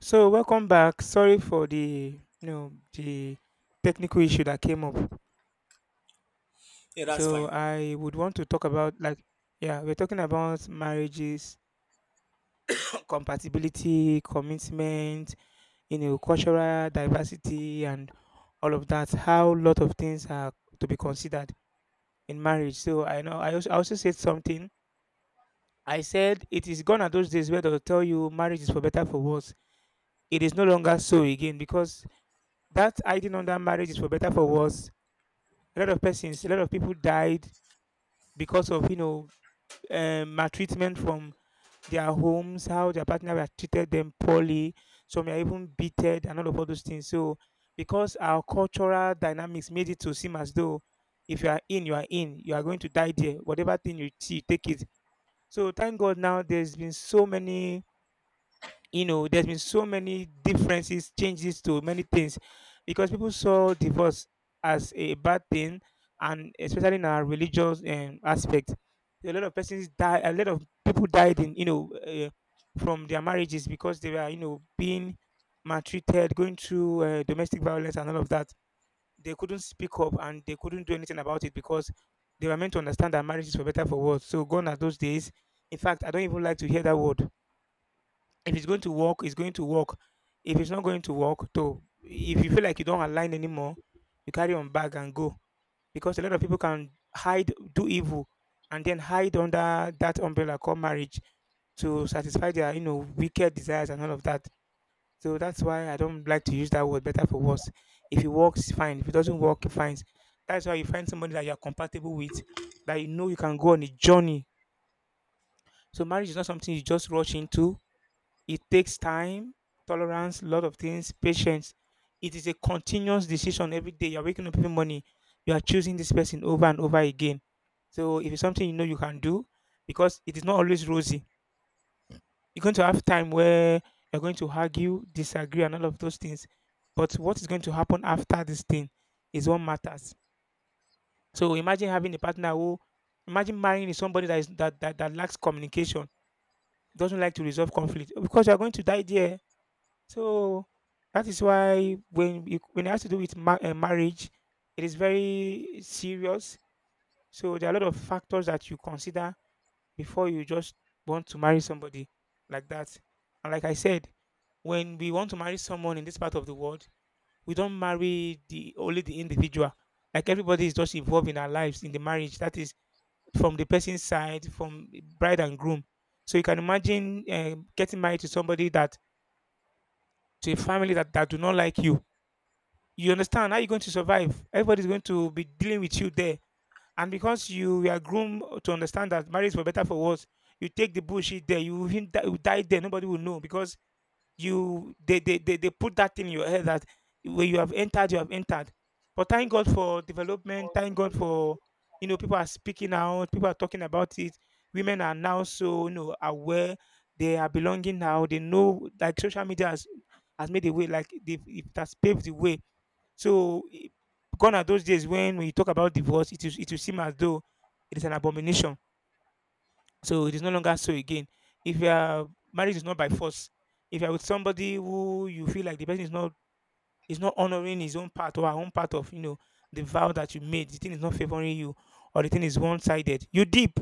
So welcome back. Sorry for the you know the technical issue that came up. Yeah, that's So fine. I would want to talk about, like, yeah, we're talking about marriages, compatibility, commitment, you know, cultural diversity and all of that. How a lot of things are to be considered in marriage. So I know I also said something. I said it is gone are those days where they'll tell you marriage is for better for worse. It is no longer so again because that hiding under marriage is for better for worse, a lot of persons, a lot of people died because of maltreatment from their homes, how their partner had treated them poorly. Some are even beaten and all of all those things. So because our cultural dynamics made it to seem as though if you are in, you are in, you are going to die there. Whatever thing you see, take it. So thank God now there's been so many there's been so many differences, changes to many things because people saw divorce as a bad thing, and especially in our religious aspect, a lot of persons die, a lot of people died in, from their marriages because they were, you know, being maltreated, going through domestic violence and all of that. They couldn't speak up and they couldn't do anything about it because they were meant to understand that marriage is for better for worse. So gone are those days. In fact, I don't even like to hear that word. If it's going to work, it's going to work. If it's not going to work, though, if you feel like you don't align anymore, you carry on back and go. Because a lot of people can hide, do evil, and then hide under that umbrella called marriage to satisfy their, you know, wicked desires and all of that. So that's why I don't like to use that word, better for worse. If it works, fine. If it doesn't work, fine. That's why you find somebody that you are compatible with, that you know you can go on a journey. So marriage is not something you just rush into. It takes time, tolerance, a lot of things, patience. It is a continuous decision every day. You're waking up every morning, you are choosing this person over and over again. So if it's something you know you can do, because it is not always rosy. You're going to have time where you're going to argue, disagree, and all of those things. But what is going to happen after this thing is what matters. So imagine having a partner who, imagine marrying somebody that is that lacks communication, doesn't like to resolve conflict. Because you're going to die there. So that is why when you, when it has to do with marriage, it is very serious. So there are a lot of factors that you consider before you just want to marry somebody like that. And like I said, when we want to marry someone in this part of the world, we don't marry the only the individual. Like, everybody is just involved in our lives in the marriage. That is, from the person's side, from bride and groom. So you can imagine getting married to somebody that, to a family that do not like you. You understand how you're going to survive. Everybody's going to be dealing with you there. And because you were groomed to understand that marriage for better for worse, you take the bullshit there. You even die, you die there. Nobody will know because you, they put that thing in your head that when you have entered, you have entered. But thank God for development. Thank God for, you know, people are speaking out. People are talking about it. Women are now so, you know, aware. They are belonging now. They know, like, social media has made a way, like, they, it has paved the way. So, gone are those days when we talk about divorce, it is, it will seem as though it is an abomination. So it is no longer so again. If you are, marriage is not by force. If you are with somebody who you feel like the person is not, is not honoring his own part or her own part of, you know, the vow that you made, the thing is not favoring you, or the thing is one sided. You deep,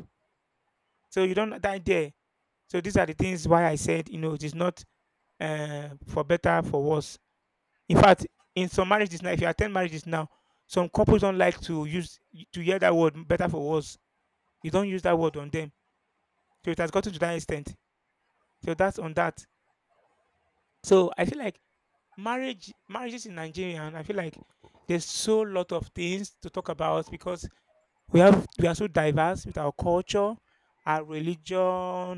so you don't die there. So these are the things why I said, you know, it is not for better for worse. In fact, in some marriages now, if you attend marriages now, some couples don't like to use, to hear that word, better for worse. You don't use that word on them. So it has gotten to that extent. So that's on that. So I feel like marriages in Nigeria, and I feel like there's so lot of things to talk about because we are so diverse with our culture, our religion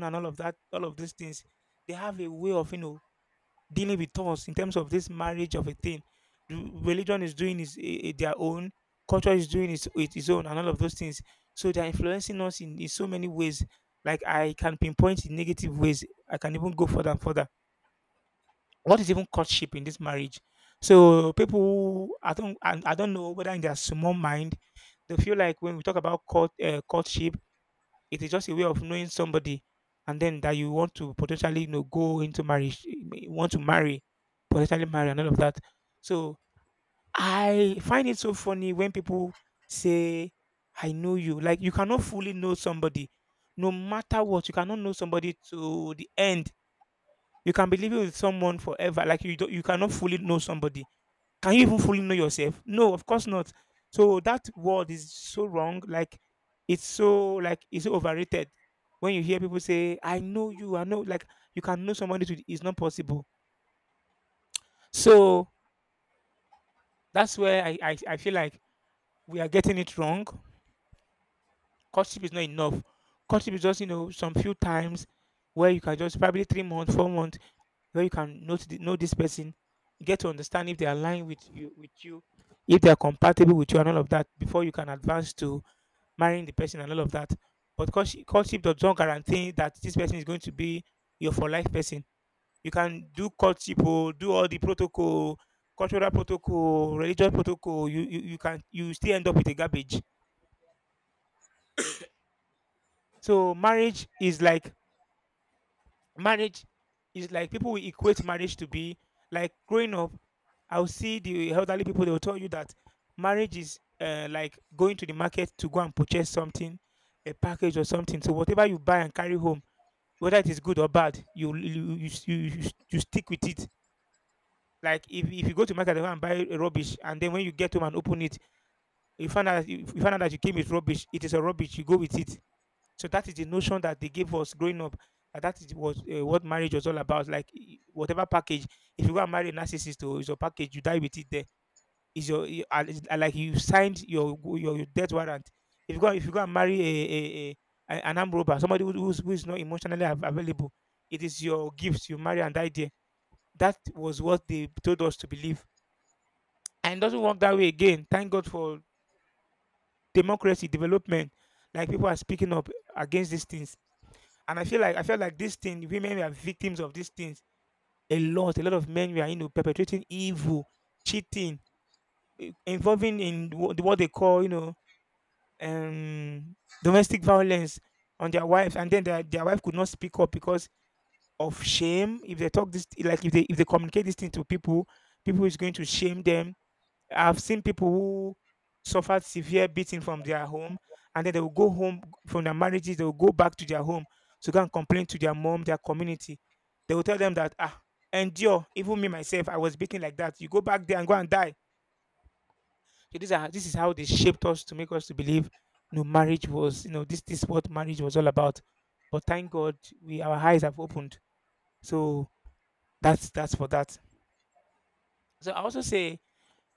and all of that, all of these things. They have a way of, you know, dealing with us in terms of this marriage of a thing. Religion is doing is their own, culture is doing its own, and all of those things. So they're influencing us in so many ways. Like, I can pinpoint in negative ways. I can even go further and further. What is even courtship in this marriage? So people, I don't know whether in their small mind they feel like when we talk about courtship, it is just a way of knowing somebody, and then that you want to potentially, you know, go into marriage, you want to marry, potentially marry, and all of that. So I find it so funny when people say, "I know you." Like, you cannot fully know somebody, no matter what. You cannot know somebody to the end. You can be living with someone forever. Like, you cannot fully know somebody. Can you even fully know yourself? No, of course not. So that word is so wrong. Like, it's so overrated. When you hear people say, "I know you," I know, like, you can know somebody to, it's not possible. So that's where I feel like we are getting it wrong. Courtship is not enough. Courtship is just, you know, some few times where you can just probably 3 months, 4 months where you can know to, know this person, get to understand if they align with you, if they are compatible with you and all of that, before you can advance to marrying the person and all of that. But courtship does not guarantee that this person is going to be your for life person. You can do courtship, oh, do all the protocol, cultural protocol, religious protocol. You still end up with a garbage. So marriage is like, people will equate marriage to be like growing up. I'll see the elderly people. They will tell you that marriage is like going to the market to go and purchase something, a package or something. So whatever you buy and carry home, whether it is good or bad, you stick with it. Like, if you go to market and go and buy rubbish, and then when you get home and open it, you find out that you came with rubbish. It is a rubbish. You go with it. So that is the notion that they gave us growing up. That that is was what marriage was all about. Like, whatever package, if you go and marry a narcissist, or it's a package, you die with it there, is your and it's like you signed your your death warrant. If you go, if you go and marry a, an armed robber, somebody who, who's, who is not emotionally available, it is your gift. You marry and die there. That was what they told us to believe, and it doesn't work that way again. Thank God for democracy development. Like, people are speaking up against these things, and I feel like this thing. Women are victims of these things a lot. A lot of men were, you know, perpetrating evil, cheating, eh, involving in what they call, um, domestic violence on their wives, and then their wife could not speak up because of shame. If they talk this, like, if they communicate this thing to people, people is going to shame them. I've seen people who suffered severe beating from their home, and then they will go home from their marriages. They will go back to their home to go and complain to their mom, their community. They will tell them that ah, endure. Even me myself, I was beaten like that. You go back there and go and die so these are this is how they shaped us to make us to believe, you know, marriage was, you know, this is what marriage was all about. But thank God we our eyes have opened. So that's for that. So I also say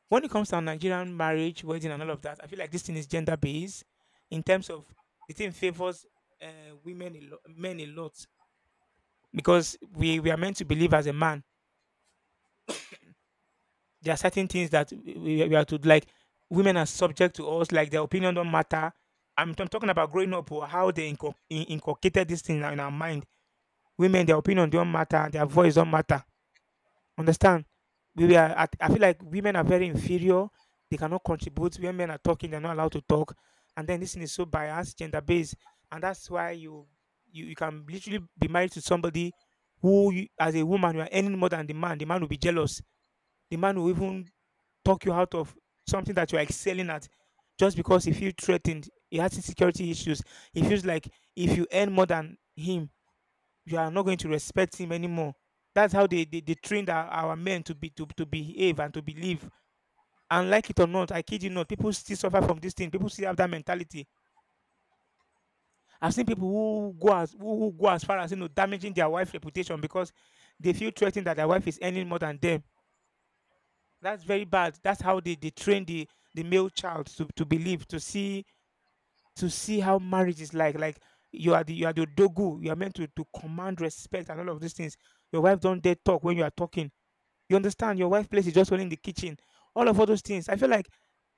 when it comes to Nigerian marriage, wedding and all of that, I feel like this thing is gender based in terms of the thing favors women a lot, men a lot because we are meant to believe as a man. There are certain things that we are to like. Women are subject to us, like their opinion don't matter. I'm talking about growing up, or how they inculcated this thing in our mind. Women, their opinion don't matter, their voice don't matter. Understand? We are. At, I feel like women are very inferior. They cannot contribute. When men are talking, they're not allowed to talk. And then this thing is so biased, gender based, and that's why you can literally be married to somebody who, you, as a woman, you are earning more than the man. The man will be jealous, the man will even talk you out of something that you're excelling at just because he feels threatened. He has insecurity issues. He feels like if you earn more than him, you are not going to respect him anymore. That's how they trained our men to be to behave and to believe. And like it or not, I kid you not, people still suffer from this thing. People still have that mentality. I've seen people who who go as far as you know damaging their wife's reputation because they feel threatened that their wife is earning more than them. That's very bad. That's how they train the male child to believe, to see how marriage is like. Like you are the dogu. You are meant to command respect and all of these things. Your wife don't dare talk when you are talking. You understand? Your wife place is just only in the kitchen. All of all those things. I feel like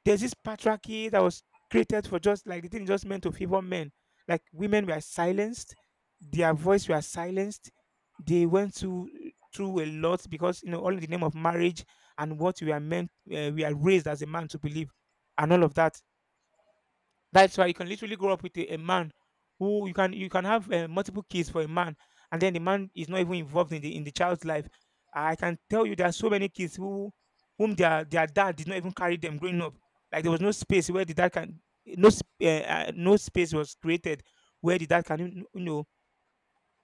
there's this patriarchy that was created for just like the thing is just meant to favor men. Like women were silenced, their voice were silenced. They went to through a lot because you know all in the name of marriage and what we are meant we are raised as a man to believe and all of that that's why you can literally grow up with a man who you can have multiple kids for a man, and then the man is not even involved in the child's life. I can tell you there are so many kids who whom their dad did not even carry them growing up. Like there was no space where the dad can no space was created where the dad can you know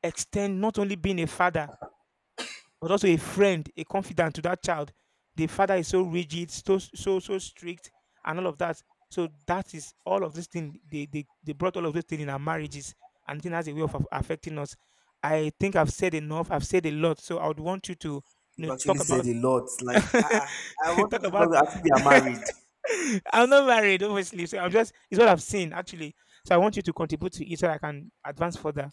extend not only being a father but also a friend, a confidant to that child. The father is so rigid, so strict, and all of that. So that is all of this thing. They brought all of this thing in our marriages, and it has a way of affecting us. I think I've said enough. I've said a lot. So I would want you to you You've know actually talk said about a lot. Like, I talk wanted about. to ask if you are married. I'm not married, obviously. So I'm just it's what I've seen actually. So I want you to contribute to it so I can advance further.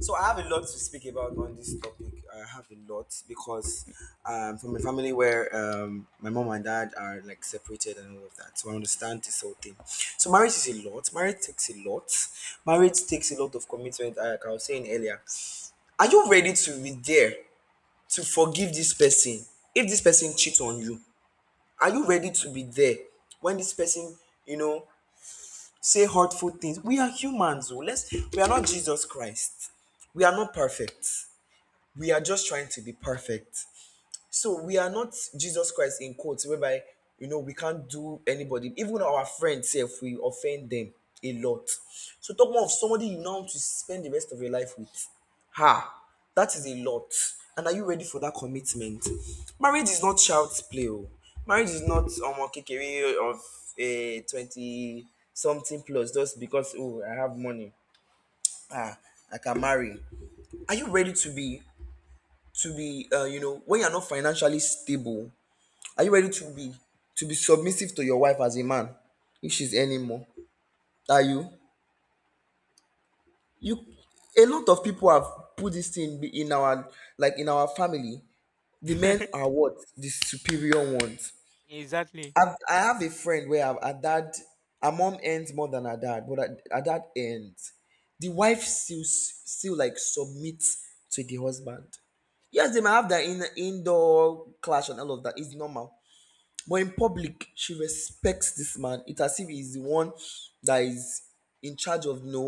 So I have a lot to speak about on this topic. I have a lot because from a family where my mom and dad are like separated and all of that. So I understand this whole thing. So marriage is a lot. Marriage takes a lot. Marriage takes a lot of commitment. Like I was saying earlier, are you ready to be there to forgive this person if this person cheats on you? Are you ready to be there when this person, you know, say hurtful things? We are humans, though. Let's We are not Jesus Christ. We are not perfect. We are just trying to be perfect. So we are not Jesus Christ, in quotes, whereby you know we can't do anybody, even our friends, if we offend them a lot. So talk more of somebody you now want to spend the rest of your life with. Ha! That is a lot. And are you ready for that commitment? Marriage is not child's play. Oh. Marriage is not kekere of a 20 something plus just because, oh, I have money. Ah, I can marry. Are you ready to be you know, when you're not financially stable? Are you ready to be submissive to your wife as a man if she's earning more? Are you? You, a lot of people have put this thing in our, like, in our family. The men are what, the superior ones. Exactly. I have a friend where her dad, her mom earns more than her dad, but her dad earns. The wife still like submits to the husband. Yes, they might have their indoor clash and all of that. It's normal. But in public, she respects this man. It's as if he's the one that is in charge of, no,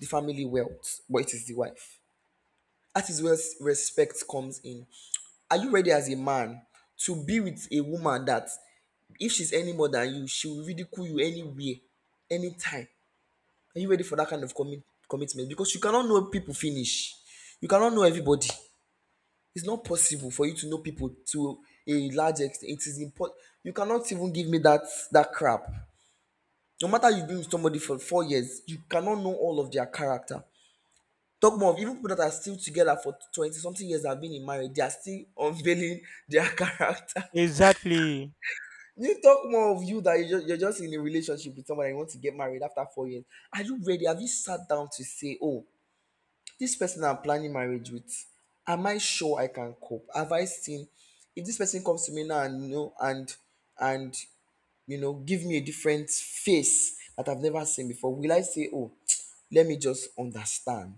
the family wealth, but it is the wife. That is where respect comes in. Are you ready as a man to be with a woman that, if she's any more than you, she will ridicule you anywhere, anytime? Are you ready for that kind of commitment? Because you cannot know people finish. You cannot know everybody. It's not possible for you to know people to a large extent. It is important. You cannot even give me that, that crap, no matter you've been with somebody for 4 years, you cannot know all of their character. Talk more of even people that are still together for 20 something years that have been in marriage, they are still unveiling their character. Exactly. You talk more of you that you're just in a relationship with someone and you want to get married after 4 years. Are you ready? Have you sat down to say, oh, this person I'm planning marriage with, am I sure I can cope? Have I seen if this person comes to me now and and you know, give me a different face that I've never seen before? Will I say, oh, let me just understand?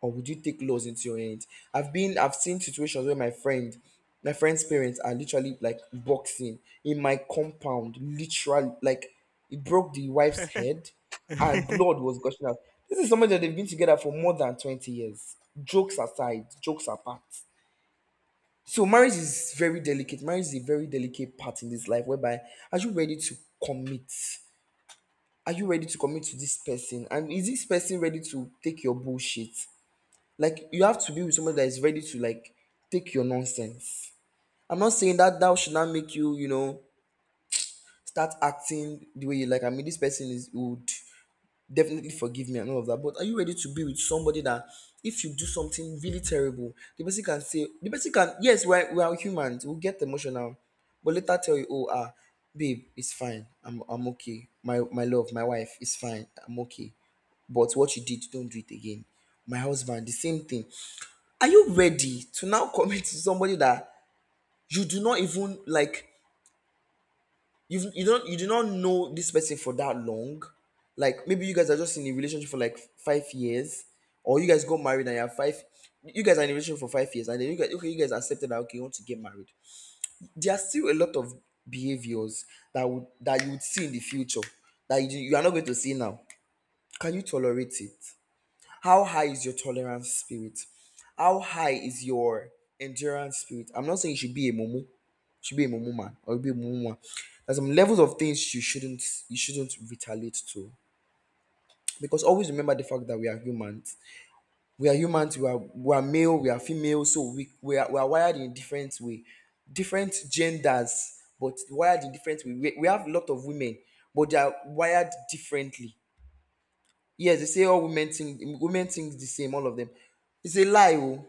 Or would you take laws into your hands? I've seen situations where my friend's parents are literally like boxing in my compound, literally, like it broke the wife's head and blood was gushing out. This is somebody that they've been together for more than 20 years. Jokes aside, jokes apart. So marriage is very delicate. Marriage is a very delicate part in this life, whereby are you ready to commit? Are you ready to commit to this person? And is this person ready to take your bullshit? Like, you have to be with somebody that is ready to like take your nonsense. I'm not saying that that should not make you, you know, start acting the way you like. I mean, this person is old, definitely forgive me and all of that. But are you ready to be with somebody that, if you do something really terrible, the person can say, the person can, yes, we're, we are humans, we'll get emotional, but later tell you, oh, ah, babe, it's fine. I'm okay. My love, my wife, it's fine. I'm okay. But what you did, don't do it again. My husband, the same thing. Are you ready to now commit to somebody that you do not even like, you do not know this person for that long, like maybe you guys are just in a relationship for like 5 years, or you guys got married and you have five, you guys are in a relationship for 5 years, and then you guys accepted that, okay, you want to get married. There are still a lot of behaviors that would that you would see in the future that you are not going to see now. Can you tolerate it? How high is your tolerance spirit? How high is your endurance spirit? I'm not saying you should be a mumu, should be a mumu man or be a mumu woman. There's some levels of things you shouldn't retaliate to. Because always remember the fact that we are humans. We are humans, we are male, we are female, so we are wired in a different way. Different genders, but wired in different way. We have a lot of women, but they are wired differently. Yes, they say all women think, women think the same, all of them. It's a lie, oh.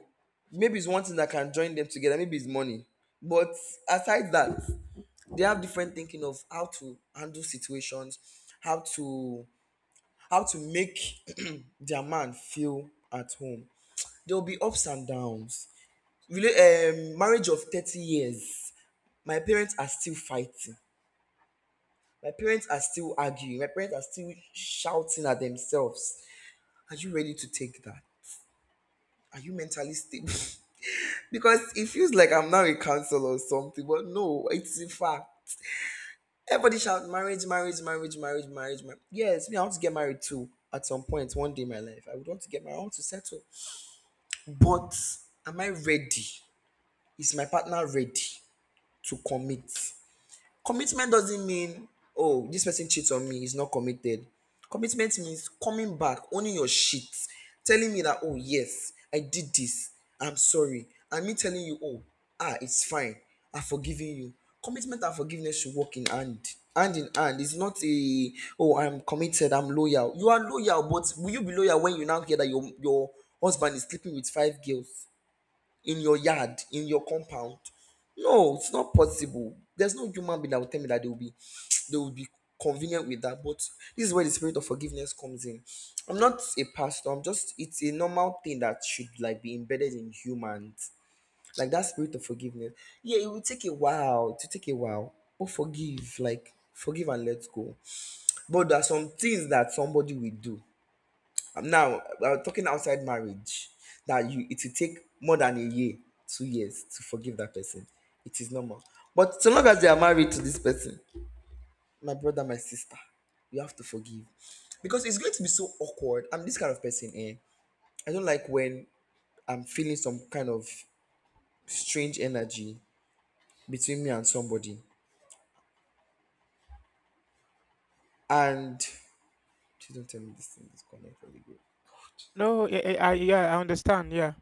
Maybe it's one thing that can join them together. Maybe it's money. But aside that, they have different thinking of how to handle situations, how to, how to make their man feel at home. There will be ups and downs. Marriage of 30 years. My parents are still fighting. My parents are still arguing. My parents are still shouting at themselves. Are you ready to take that? Are you mentally stable? Because it feels like I'm now a counselor or something, but no, it's a fact. Everybody shout marriage, marriage, marriage, marriage, marriage, marriage. Yes, me, I want to get married too at some point, one day in my life. I would want to get married, I want to settle. But am I ready? Is my partner ready to commit? Commitment doesn't mean, oh, this person cheats on me, he's not committed. Commitment means coming back, owning your shit, telling me that, oh, yes, I did this, I'm sorry. And me telling you, oh, ah, it's fine, I've forgiven you. Commitment and forgiveness should work in hand. Hand in hand. It's not a, oh, I'm committed, I'm loyal. You are loyal, but will you be loyal when you now hear that your husband is sleeping with five girls in your yard, in your compound? No, it's not possible. There's no human being that will tell me that they will be they will be convenient with that. But this is where the spirit of forgiveness comes in. I'm not a pastor, I'm just, it's a normal thing that should like be embedded in humans. Like that spirit of forgiveness. Yeah, it will take a while. To take a while. But forgive, like forgive and let go. But there are some things that somebody will do, I'm talking outside marriage, that you, it will take more than a year, 2 years to forgive that person. It is normal. But so long as they are married to this person, my brother, my sister, you have to forgive. Because it's going to be so awkward. I'm this kind of person, eh? I don't like when I'm feeling some kind of strange energy between me and somebody. And please don't tell me this thing is connected. No, yeah, I understand. Yeah.